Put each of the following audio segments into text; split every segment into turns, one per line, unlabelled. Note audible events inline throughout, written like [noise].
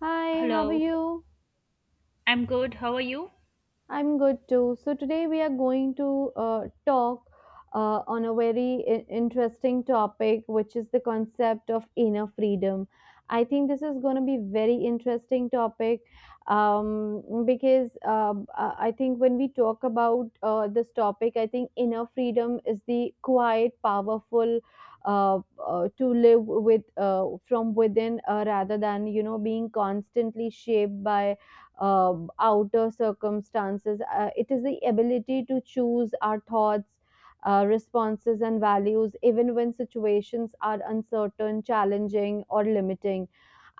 Hi, how are
Hello,
you?
I'm good. How are you?
I'm good too. So today we are going to talk on a very interesting topic, which is the concept of inner freedom. I think this is going to be very interesting topic because I think when we talk about this topic, I think inner freedom is the quiet, powerful uh, to live with from within, rather than being constantly shaped by uh, outer circumstances. It is the ability to choose our thoughts, responses, and values, even when situations are uncertain, challenging, or limiting.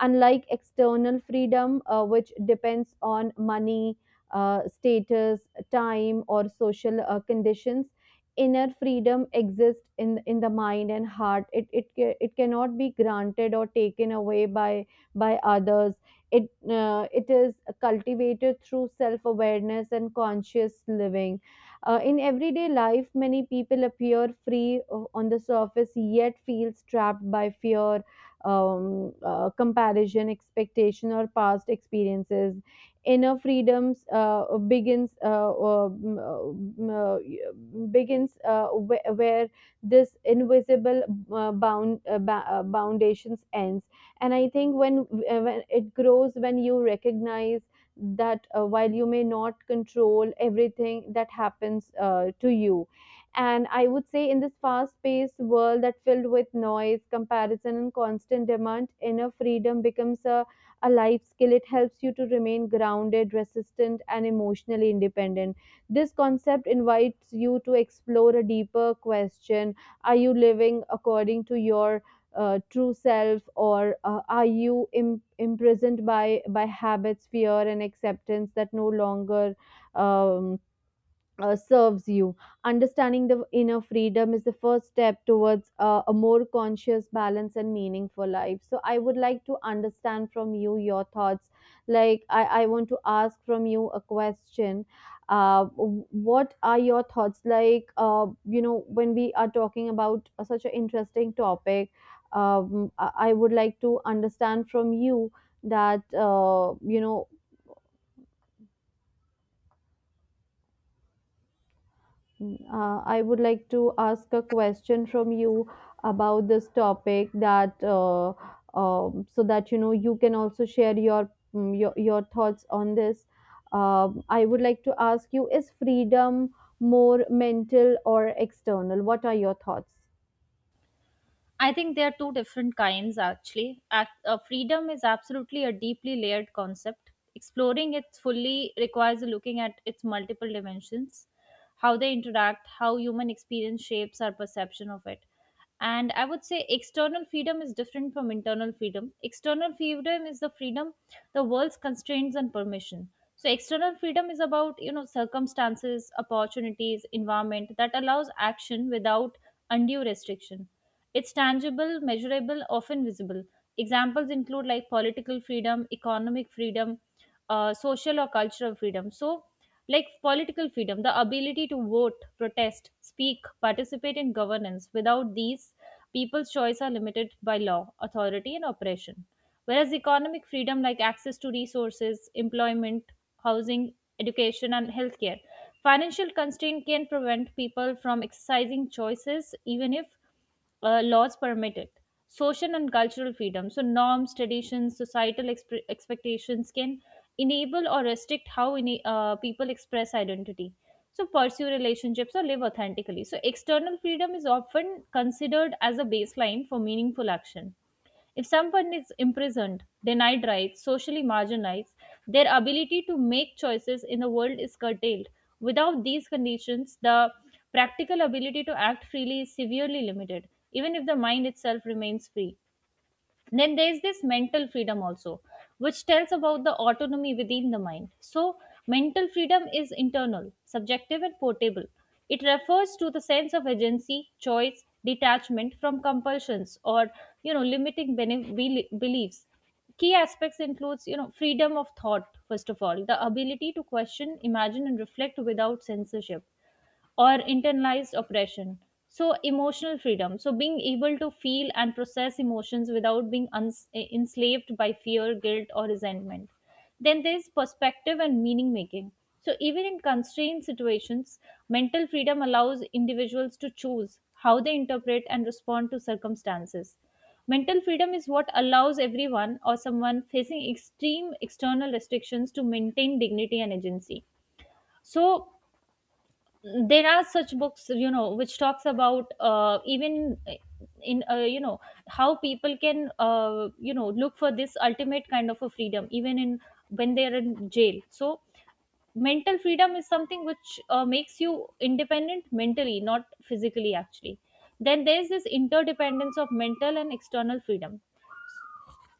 Unlike external freedom, which depends on money, status, time, or social conditions, inner freedom exists in the mind and heart. It cannot be granted or taken away by others. It is cultivated through self awareness and conscious living. In everyday life, many people appear free on the surface, yet feels trapped by fear, comparison, expectation, or past experiences. Inner freedoms begins where this invisible foundations ends, and I think when it grows, when you recognize that, while you may not control everything that happens to you. And I would say, in this fast paced world that filled with noise, comparison, and constant demand, inner freedom becomes a life skill. It helps you to remain grounded, resistant, and emotionally independent. This concept invites you to explore a deeper question: are you living according to your true self, or are you imprisoned by habits, fear, and acceptance that no longer um, serves you. Understanding the inner freedom is the first step towards a more conscious, balanced, and meaningful life. So, I would like to understand from you your thoughts. Like, I want to ask from you a question. What are your thoughts? Like, when we are talking about such an interesting topic, I would like to understand from you that I would like to ask a question from you about this topic that so that you can also share your your thoughts on this. I would like to ask you: Is freedom more mental or external? What are your thoughts?
I think there are two different kinds actually. Freedom is absolutely a deeply layered concept. Exploring it fully requires looking at its multiple dimensions, how they interact, how human experience shapes our perception of it. And I would say external freedom is different from internal freedom. External freedom is the freedom, the world's constraints and permission. So external freedom is about, you know, circumstances, opportunities, environment that allows action without undue restriction. It's tangible, measurable, often visible. Examples include like political freedom, economic freedom, social or cultural freedom. So, like political freedom, the ability to vote, protest, speak, participate in governance. Without these, people's choice are limited by law, authority, and oppression. Whereas economic freedom, like access to resources, employment, housing, education, and healthcare, financial constraint can prevent people from exercising choices even if laws permit it. Social and cultural freedom. So, norms, traditions, societal expectations can enable or restrict how any, people express identity. So, pursue relationships or live authentically. So, external freedom is often considered as a baseline for meaningful action. If someone is imprisoned, denied rights, socially marginalized, their ability to make choices in the world is curtailed. Without these conditions, the practical ability to act freely is severely limited, even if the mind itself remains free. Then there is this mental freedom also, which tells about the autonomy within the mind. So mental freedom is internal, subjective, and portable. It refers to the sense of agency, choice, detachment from compulsions, or you know, limiting beliefs. Key aspects includes, you know, freedom of thought. First of all, the ability to question, imagine, and reflect without censorship or internalized oppression. So, emotional freedom. So, being able to feel and process emotions without being enslaved by fear, guilt, or resentment. Then there's perspective and meaning making. So, even in constrained situations, mental freedom allows individuals to choose how they interpret and respond to circumstances. Mental freedom is what allows everyone or someone facing extreme external restrictions to maintain dignity and agency. So, there are such books, you know, which talks about even in you know, how people can, you know, look for this ultimate kind of a freedom even in when they are in jail. So mental freedom is something which makes you independent mentally, not physically actually. Then there's this interdependence of mental and external freedom.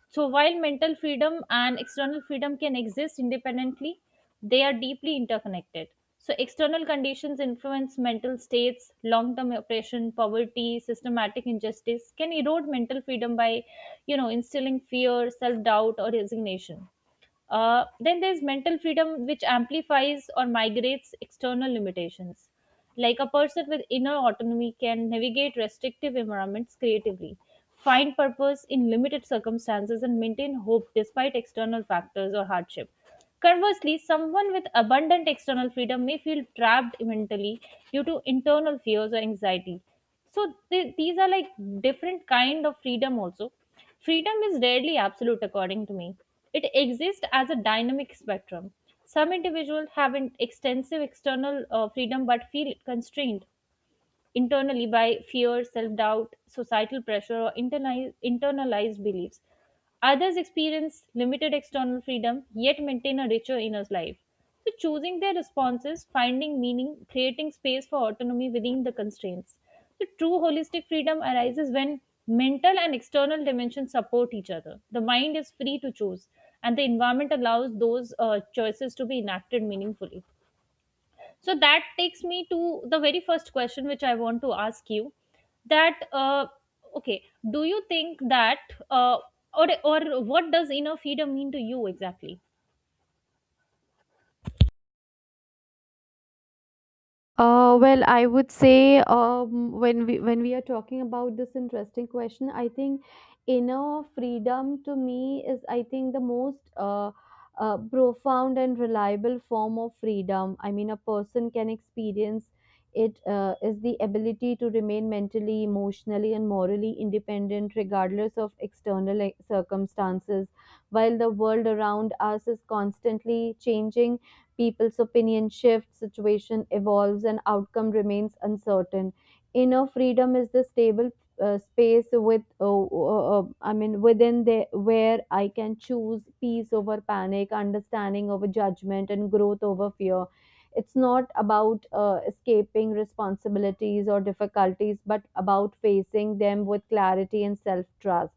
So while mental freedom and external freedom can exist independently, they are deeply interconnected. So external conditions influence mental states. Long-term oppression, poverty, systematic injustice can erode mental freedom by, you know, instilling fear, self-doubt, or resignation. Then there's mental freedom which amplifies or migrates external limitations. Like a person with inner autonomy can navigate restrictive environments creatively, find purpose in limited circumstances, and maintain hope despite external factors or hardship. Conversely, someone with abundant external freedom may feel trapped mentally due to internal fears or anxiety. So these are like different kind of freedom also. Freedom is rarely absolute according to me. It exists as a dynamic spectrum. Some individuals have an extensive external freedom but feel constrained internally by fear, self doubt, societal pressure, or internalized beliefs. Others experience limited external freedom yet maintain a richer inner life. So, choosing their responses, finding meaning, creating space for autonomy within the constraints. So, true holistic freedom arises when mental and external dimensions support each other. The mind is free to choose, and the environment allows those choices to be enacted meaningfully. So that takes me to the very first question which I want to ask you. That Okay, do you think that uh, or what does inner freedom mean to you exactly?
Well, I would say, when we are talking about this interesting question, I think inner freedom to me is, I think, the most profound and reliable form of freedom. I mean, a person can experience it is the ability to remain mentally, emotionally, and morally independent regardless of external, like, circumstances. While the world around us is constantly changing, people's opinion shifts, situation evolves, and outcome remains uncertain. Inner freedom is the stable space I mean, within the where I can choose peace over panic, understanding over judgment, and growth over fear. It's not about escaping responsibilities or difficulties, but about facing them with clarity and self trust.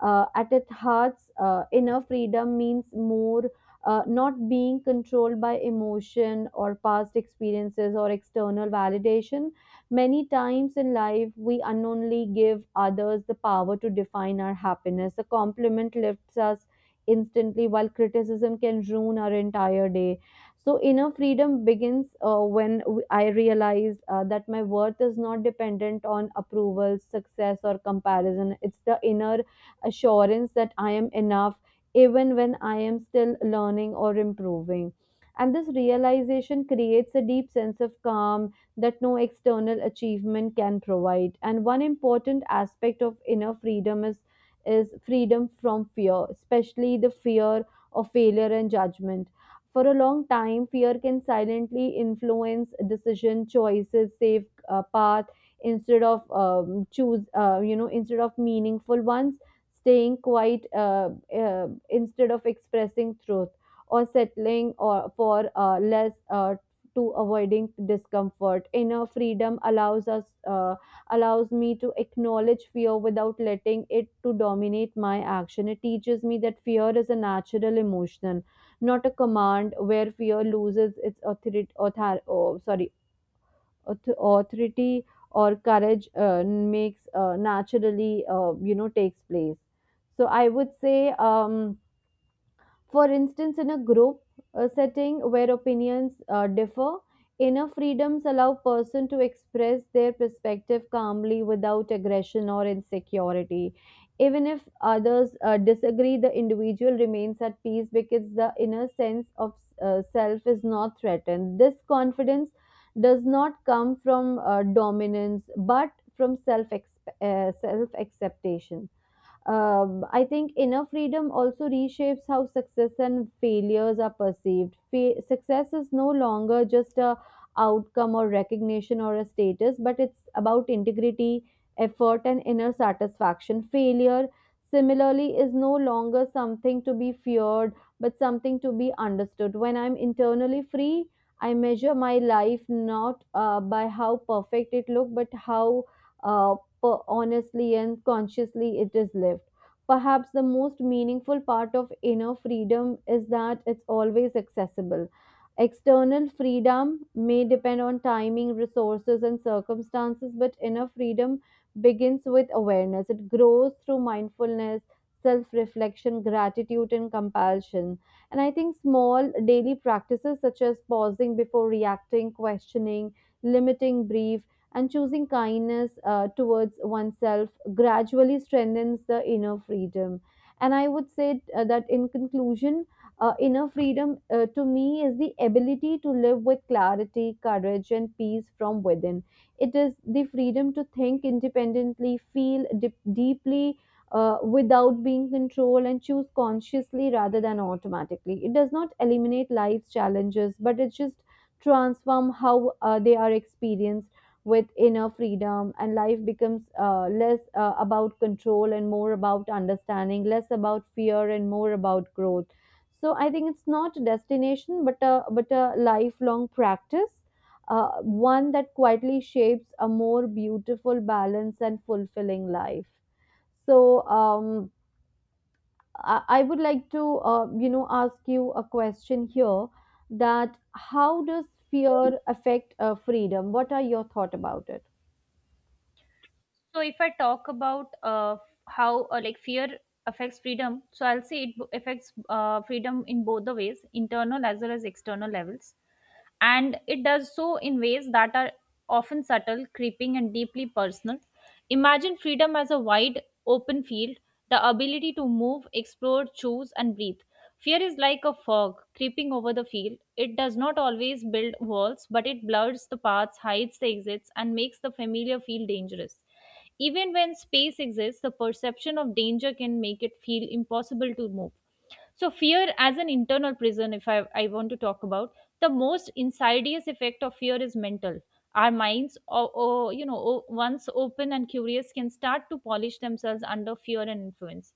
At its heart, inner freedom means more, not being controlled by emotion or past experiences or external validation. Many times in life, we unknowingly give others the power to define our happiness. A compliment lifts us instantly, while criticism can ruin our entire day. So, inner freedom begins when I realize that my worth is not dependent on approval, success, or comparison. It's the inner assurance that I am enough, even when I am still learning or improving. And this realization creates a deep sense of calm that no external achievement can provide. And one important aspect of inner freedom is freedom from fear, especially the fear of failure and judgment. For a long time, fear can silently influence decision choices, safe path instead of instead of meaningful ones, staying quiet, instead of expressing truth, or settling or for less, to avoiding discomfort. Inner freedom allows me to acknowledge fear without letting it to dominate my action. It teaches me that fear is a natural emotion, not a command, where fear loses its authority author, oh, sorry auth- authority, or courage makes naturally, takes place. So I would say, um, for instance, in a group setting where opinions differ, inner freedoms allow person to express their perspective calmly without aggression or insecurity. Even if others disagree, the individual remains at peace because the inner sense of self is not threatened. This confidence does not come from dominance, but from self, self acceptation. I think inner freedom also reshapes how success and failures are perceived. Success is no longer just a outcome or recognition or a status, but it's about integrity, effort, and inner satisfaction. Failure, similarly, is no longer something to be feared, but something to be understood. When I'm internally free, I measure my life not by how perfect it looked, but how uh, honestly and consciously it is lived. Perhaps the most meaningful part of inner freedom is that it's always accessible. External freedom may depend on timing, resources, and circumstances, but inner freedom begins with awareness. It grows through mindfulness, self reflection, gratitude, and compassion. And I think small daily practices, such as pausing before reacting, questioning, limiting brief, and choosing kindness towards oneself, gradually strengthens the inner freedom. And I would say that in conclusion, inner freedom to me is the ability to live with clarity, courage, and peace from within. It is the freedom to think independently, feel deeply, without being controlled, and choose consciously rather than automatically. It does not eliminate life's challenges, but it just transform how they are experienced. With inner freedom, and life becomes less about control and more about understanding, less about fear and more about growth. So I think it's not a destination, but a lifelong practice, one that quietly shapes a more beautiful, balanced, and fulfilling life. So I would like to, ask you a question here: that how does fear affect freedom? What are your thoughts about it?
So if I talk about how like fear affects freedom, so I'll say it affects freedom in both the ways, internal as well as external levels, and it does so in ways that are often subtle, creeping, and deeply personal. Imagine freedom as a wide, open field, the ability to move, explore, choose, and breathe. Fear is like a fog creeping over the field. It does not always build walls, but it blurs the paths, hides the exits, and makes the familiar feel dangerous. Even when space exists, the perception of danger can make it feel impossible to move. So fear as an internal prison, if I want to talk about, the most insidious effect of fear is mental. Our minds, or you know, once open and curious, can start to polish themselves under fear and influence.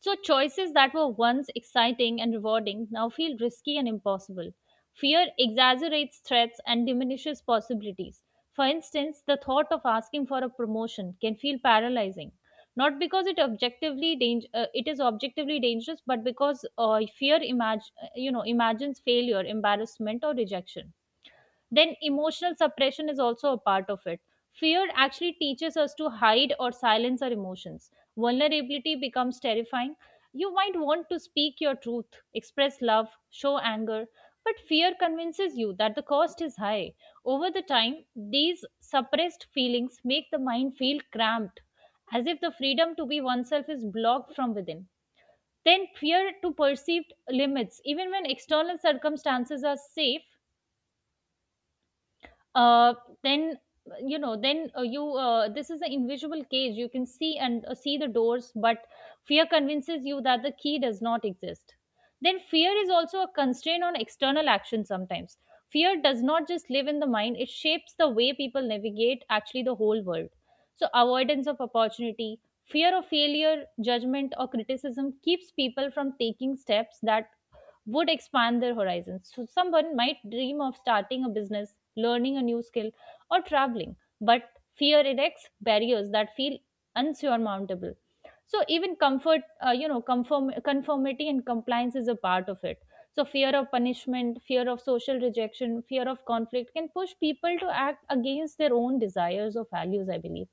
So, choices that were once exciting and rewarding now feel risky and impossible. Fear exaggerates threats and diminishes possibilities. For instance, the thought of asking for a promotion can feel paralyzing, not because it objectively it is objectively dangerous, but because fear you know, imagines failure, embarrassment, or rejection. Then emotional suppression is also a part of it. Fear actually teaches us to hide or silence our emotions. Vulnerability becomes terrifying. You might want to speak your truth, express love, show anger, but fear convinces you that the cost is high. Over the time, these suppressed feelings make the mind feel cramped, as if the freedom to be oneself is blocked from within. Then, fear to perceived limits, even when external circumstances are safe, uh, then you know then you this is an invisible cage. You can see and see the doors, but fear convinces you that the key does not exist. Then fear is also a constraint on external action. Sometimes fear does not just live in the mind, it shapes the way people navigate actually the whole world. So avoidance of opportunity, fear of failure, judgment, or criticism keeps people from taking steps that would expand their horizons. So someone might dream of starting a business, learning a new skill, or traveling, but fear erects barriers that feel unsurmountable. So even comfort, conformity and compliance is a part of it. So fear of punishment, fear of social rejection, fear of conflict can push people to act against their own desires or values, I believe.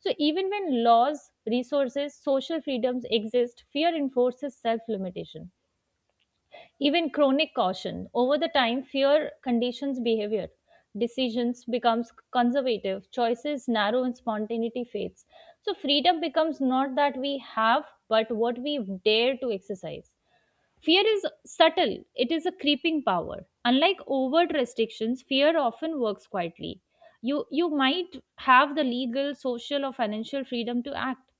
So even when laws, resources, social freedoms exist, fear enforces self limitation. Even chronic caution. Over the time, fear conditions behavior. Decisions becomes conservative, choices narrow and spontaneity fades. So freedom becomes not that we have, but what we dare to exercise. Fear is subtle, it is a creeping power. Unlike overt restrictions, fear often works quietly. You might have the legal, social, or financial freedom to act,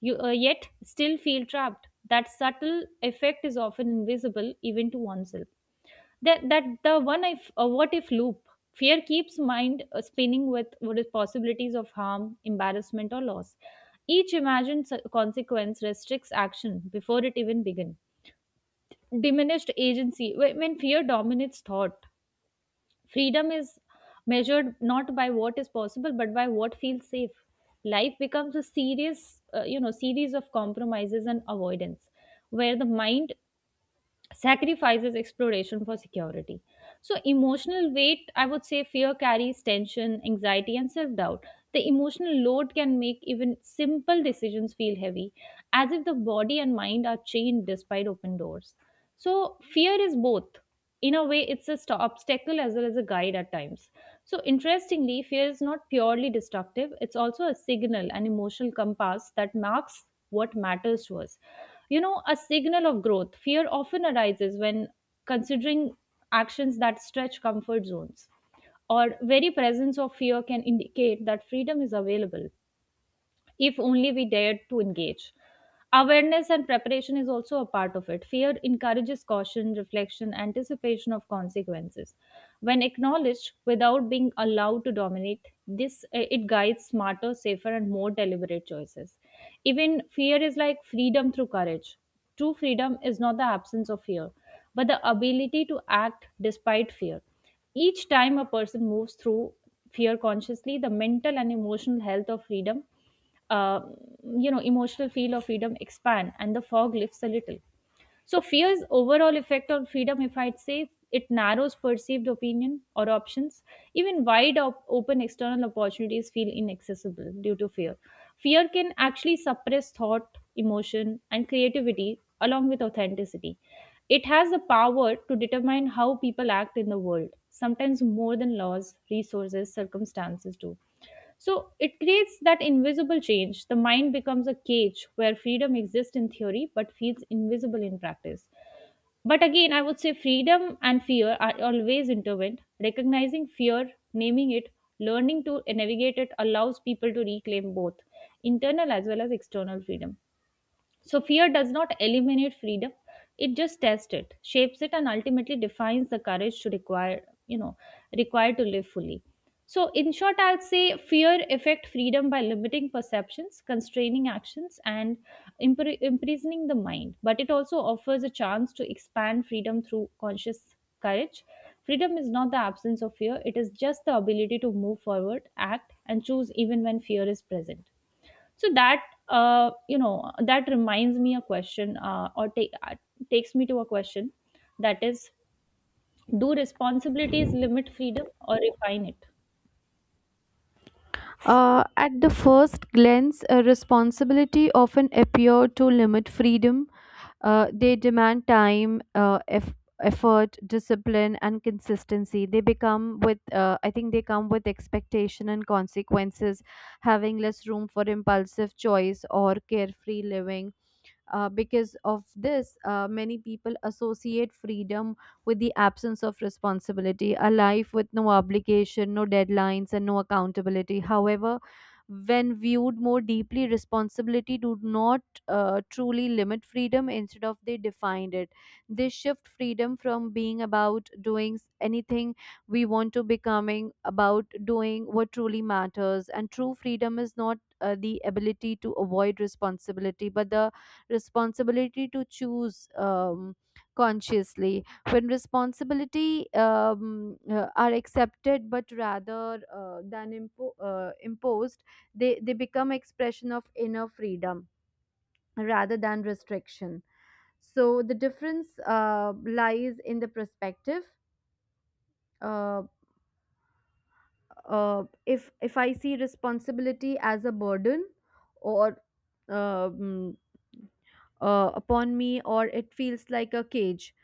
you yet still feel trapped. That subtle effect is often invisible even to oneself. That the one, if what if loop. Fear keeps mind spinning with what is possibilities of harm, embarrassment, or loss. Each imagined consequence restricts action before it even begins. Diminished agency, when fear dominates thought, freedom is measured not by what is possible, but by what feels safe. Life becomes a serious, series of compromises and avoidance, where the mind sacrifices exploration for security. So, emotional weight, I would say fear carries tension, anxiety, and self doubt. The emotional load can make even simple decisions feel heavy, as if the body and mind are chained despite open doors. So, fear is both. In a way, it's a obstacle as well as a guide at times. So, interestingly, fear is not purely destructive, it's also a signal, an emotional compass that marks what matters to us. You know, a signal of growth. Fear often arises when considering actions that stretch comfort zones, or very presence of fear can indicate that freedom is available if only we dared to engage. Awareness and preparation is also a part of it. Fear encourages caution, reflection, anticipation of consequences. When acknowledged without being allowed to dominate, it guides smarter, safer, and more deliberate choices. Even fear is like freedom through courage. True freedom is not the absence of fear, but the ability to act despite fear. Each time a person moves through fear consciously, the mental and emotional health of freedom, uh, emotional feel of freedom expand and the fog lifts a little. So fear's overall effect on freedom, if I'd say, it narrows perceived opinion or options. Even wide open external opportunities feel inaccessible due to fear. Fear can actually suppress thought, emotion, and creativity, along with authenticity. It has the power to determine how people act in the world, sometimes more than laws, resources, circumstances do. So it creates that invisible change. The mind becomes a cage where freedom exists in theory but feels invisible in practice. But again, I would say freedom and fear are always intertwined. Recognizing fear, naming it, learning to navigate it allows people to reclaim both internal as well as external freedom. So fear does not eliminate freedom. It just tests it, shapes it, and ultimately defines the courage to required to live fully. So in short, I'll say fear affect freedom by limiting perceptions, constraining actions, and imprisoning the mind. But it also offers a chance to expand freedom through conscious courage. Freedom is not the absence of fear; it is just the ability to move forward, act, and choose even when fear is present so that that reminds me a question or take takes me to a question that is, do responsibilities limit freedom or refine it?
At the first glance, a responsibility often appear to limit freedom. They demand time, effort, discipline, and consistency. They become with, I think they come with expectation and consequences, having less room for impulsive choice or carefree living. Because of this, many people associate freedom with the absence of responsibility, a life with no obligation, no deadlines, and no accountability. However, when viewed more deeply, responsibility do not truly limit freedom, instead of they defined it. They shift freedom from being about doing anything we want to becoming about doing what truly matters. And true freedom is not the ability to avoid responsibility, but the responsibility to choose consciously. When responsibility are accepted but rather than imposed, they become expression of inner freedom rather than restriction. So the difference lies in the perspective. Uh, uh, if if I see responsibility as a burden or um, upon me, or it feels like a cage,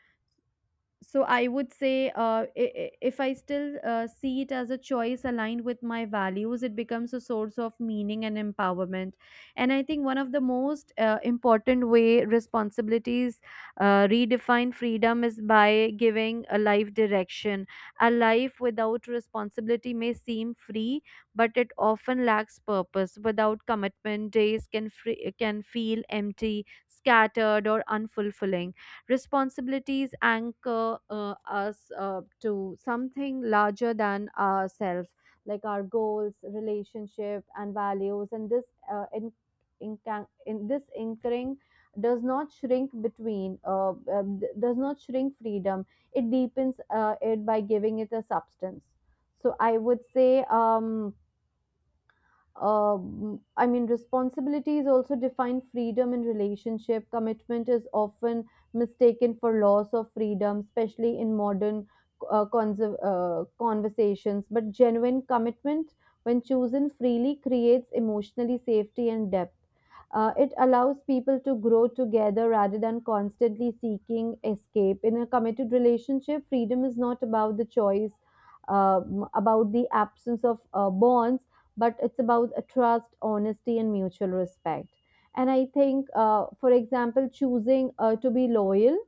so I would say, if I still see it as a choice aligned with my values, it becomes a source of meaning and empowerment. And I think one of the most important way responsibilities redefine freedom is by giving a life direction. A life without responsibility may seem free, but it often lacks purpose. Without commitment, days can can feel empty, scattered, or unfulfilling. Responsibilities anchor us to something larger than ourselves, like our goals, relationship, and values. And this, uh, in, in, in this anchoring does not shrink does not shrink freedom, it deepens it by giving it a substance. So I would say, I mean, responsibilities also define freedom in relationship. Commitment is often mistaken for loss of freedom, especially in modern conversations. But genuine commitment, when chosen freely, creates emotionally safety and depth. It allows people to grow together rather than constantly seeking escape. In a committed relationship, freedom is not about the choice, about the absence of bonds, but it's about a trust, honesty, and mutual respect. And I think, for example, choosing to be loyal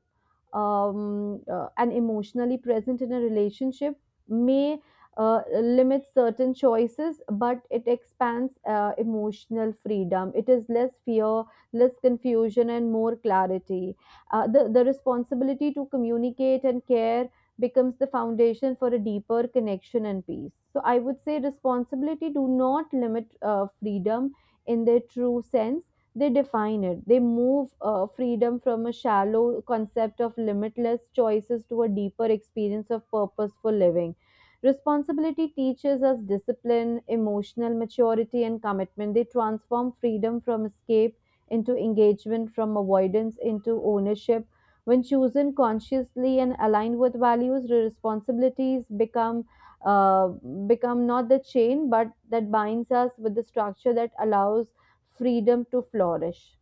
and emotionally present in a relationship may limit certain choices, but it expands emotional freedom. It is less fear, less confusion, and more clarity. The responsibility to communicate and care becomes the foundation for a deeper connection and peace. So I would say responsibility do not limit freedom in their true sense, they define it. They move freedom from a shallow concept of limitless choices to a deeper experience of purposeful living. Responsibility teaches us discipline, emotional maturity, and commitment. They transform freedom from escape into engagement, from avoidance into ownership. When chosen consciously and aligned with values, responsibilities become uh, become not the chain, but that binds us with the structure that allows freedom to flourish.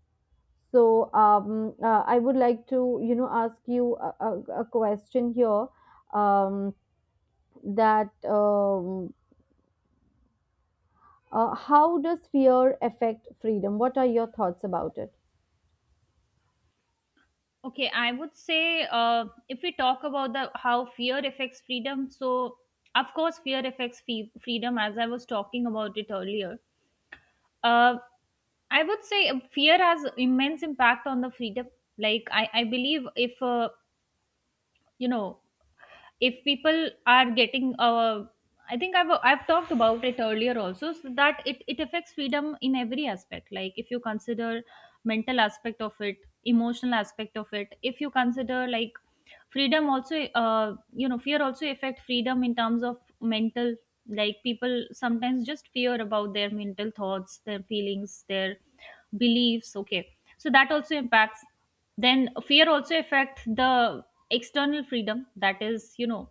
So I would like to, ask you a question here, um, that how does fear affect freedom? What are your thoughts about it?
Okay, I would say, if we talk about the how fear affects freedom, so of course fear affects freedom, as I was talking about it earlier. Uh, I would say fear has immense impact on the freedom. Like I believe if you know if people are getting I think I've talked about it earlier also, so that it affects freedom in every aspect. Like if you consider mental aspect of it, emotional aspect of it, if you consider like freedom also, fear also affect freedom in terms of mental, like people sometimes just fear about their mental thoughts, their feelings, their beliefs. Okay, so that also impacts. Then fear also affect the external freedom, that is, you know,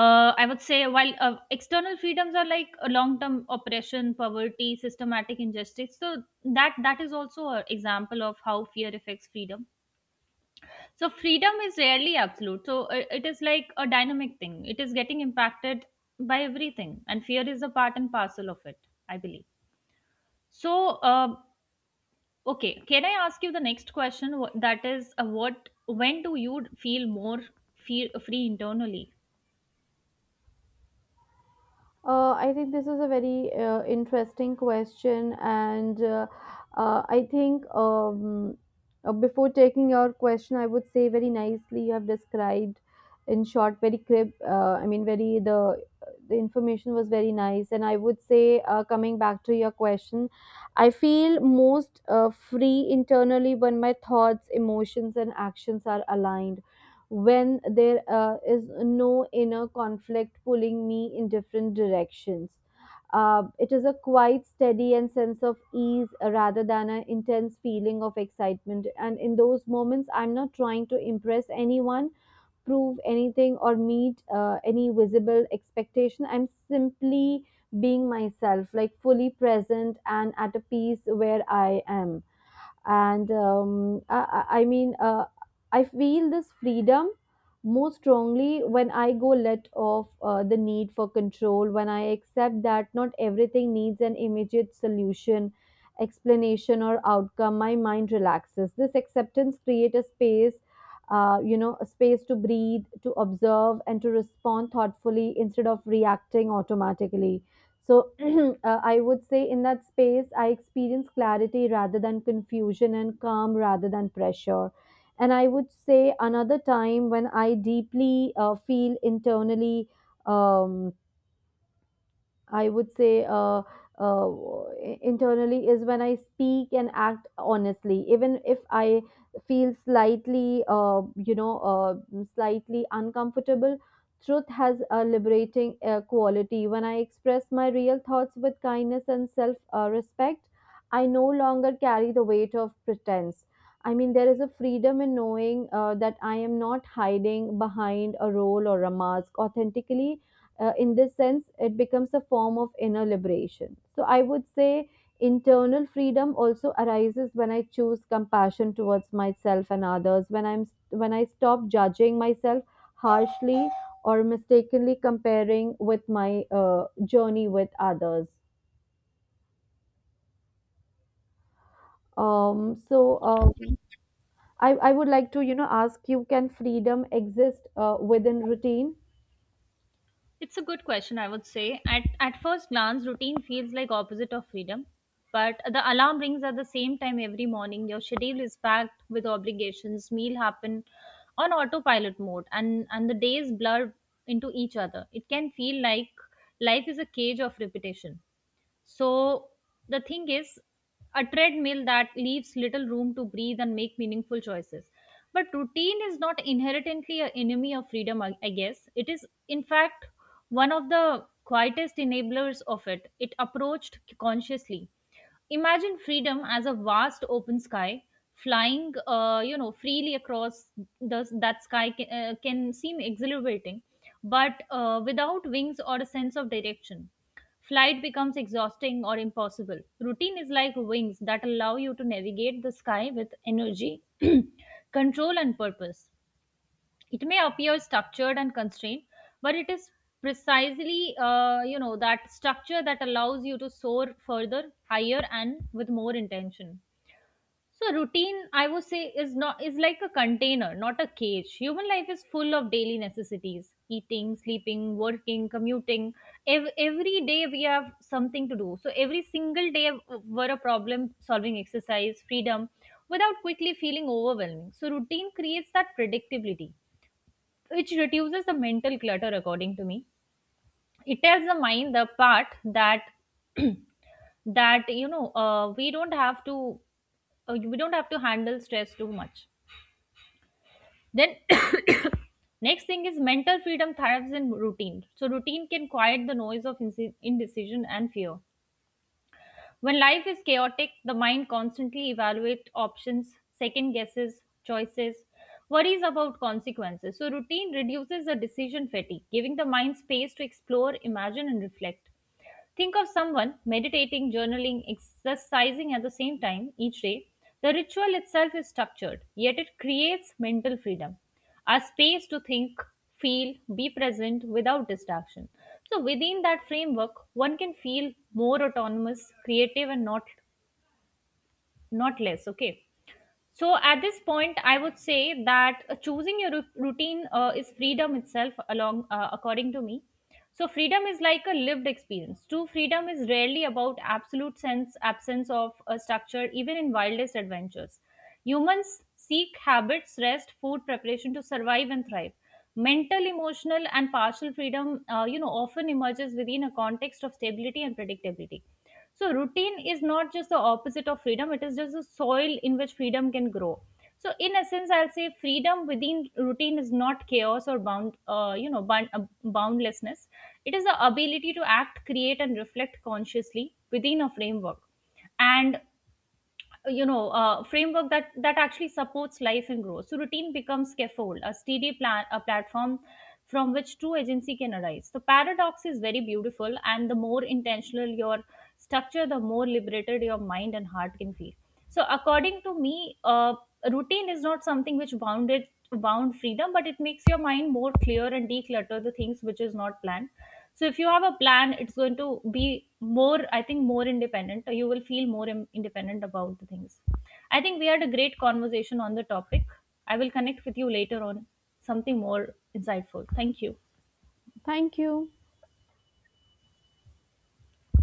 I would say while external freedoms are like a long term oppression, poverty, systematic injustice. So that is also an example of how fear affects freedom. So freedom is rarely absolute, so it is like a dynamic thing, it is getting impacted by everything, and fear is a part and parcel of it, I believe. So uh, okay, can I ask you the next question? That is, what, when do you feel more feel free internally?
I think this is a very interesting question, and I think, before taking your question, I would say very nicely you have described, in short, very crib. I mean, very the information was very nice. And I would say, coming back to your question, I feel most free internally when my thoughts, emotions, and actions are aligned, when there is no inner conflict pulling me in different directions. It is a quite steady and sense of ease rather than an intense feeling of excitement. And in those moments, I'm not trying to impress anyone, prove anything, or meet any visible expectation. I'm simply being myself, like fully present and at a peace where I am. And I feel this freedom more strongly when I go let off the need for control, when I accept that not everything needs an immediate solution, explanation, or outcome. My mind relaxes. This acceptance creates a space, a space to breathe, to observe, and to respond thoughtfully instead of reacting automatically. So [clears throat] I would say in that space, I experience clarity rather than confusion, and calm rather than pressure. And I would say another time when I deeply feel internally. Um, I would say uh, internally is when I speak and act honestly, even if I feel slightly, slightly uncomfortable. Truth has a liberating quality. When I express my real thoughts with kindness and self respect, I no longer carry the weight of pretense. I mean, there is a freedom in knowing that I am not hiding behind a role or a mask. Authentically, in this sense, it becomes a form of inner liberation. So I would say, internal freedom also arises when I choose compassion towards myself and others, when I stop judging myself harshly or mistakenly comparing with my journey with others. um, so um, I would like to, ask you: can freedom exist within routine?
It's a good question, I would say. At first glance, routine feels like opposite of freedom, but the alarm rings at the same time every morning. Your schedule is packed with obligations. Meal happen on autopilot mode, and the days blur into each other. It can feel like life is a cage of repetition. So the thing is, a treadmill that leaves little room to breathe and make meaningful choices. But routine is not inherently an enemy of freedom, I guess. It is, in fact, one of the quietest enablers of it. It approached consciously. Imagine freedom as a vast open sky, flying, freely across that sky can seem exhilarating, but without wings or a sense of direction. Flight becomes exhausting or impossible. Routine is like wings that allow you to navigate the sky with energy, [clears throat] control, and purpose. It may appear structured and constrained, but it is precisely, that structure that allows you to soar further, higher, and with more intention. So routine, I would say, is not is like a container, not a cage. Human life is full of daily necessities: eating, sleeping, working, commuting. Every day we have something to do. So every single day were a problem-solving exercise, freedom, without quickly feeling overwhelming. So routine creates that predictability, which reduces the mental clutter, according to me. It tells the mind the part that that we don't have to, we don't have to handle stress too much. Then [coughs] next thing is mental freedom thrives in routine. So routine can quiet the noise of indecision and fear. When life is chaotic, the mind constantly evaluates options, second guesses, choices, worries about consequences. So routine reduces the decision fatigue, giving the mind space to explore, imagine and reflect. Think of someone meditating, journaling, exercising at the same time each day. The ritual itself is structured, yet it creates mental freedom, a space to think, feel, be present without distraction. So within that framework, one can feel more autonomous, creative, and not less. Okay. So at this point, I would say that choosing your routine is freedom itself, along according to me. So freedom is like a lived experience. True freedom is rarely about absolute sense absence of a structure, even in wildest adventures. Humans seek habits, rest, food preparation to survive and thrive. Mental, emotional, and partial freedom, often emerges within a context of stability and predictability. So, routine is not just the opposite of freedom, it is just the soil in which freedom can grow. So, in essence, I'll say freedom within routine is not chaos or boundlessness. It is the ability to act, create, and reflect consciously within a framework. And you know, framework that actually supports life and growth. So routine becomes scaffold, a steady plan, a platform from which true agency can arise. The paradox is very beautiful, and the more intentional your structure, the more liberated your mind and heart can feel. So according to me, routine is not something which bound freedom, but it makes your mind more clear and declutter the things which is not planned. So if you have a plan, it's going to be more, I think, more independent. You will feel more independent about the things. I think we had a great conversation on the topic. I will connect with you later on something more insightful. Thank you.
Thank you.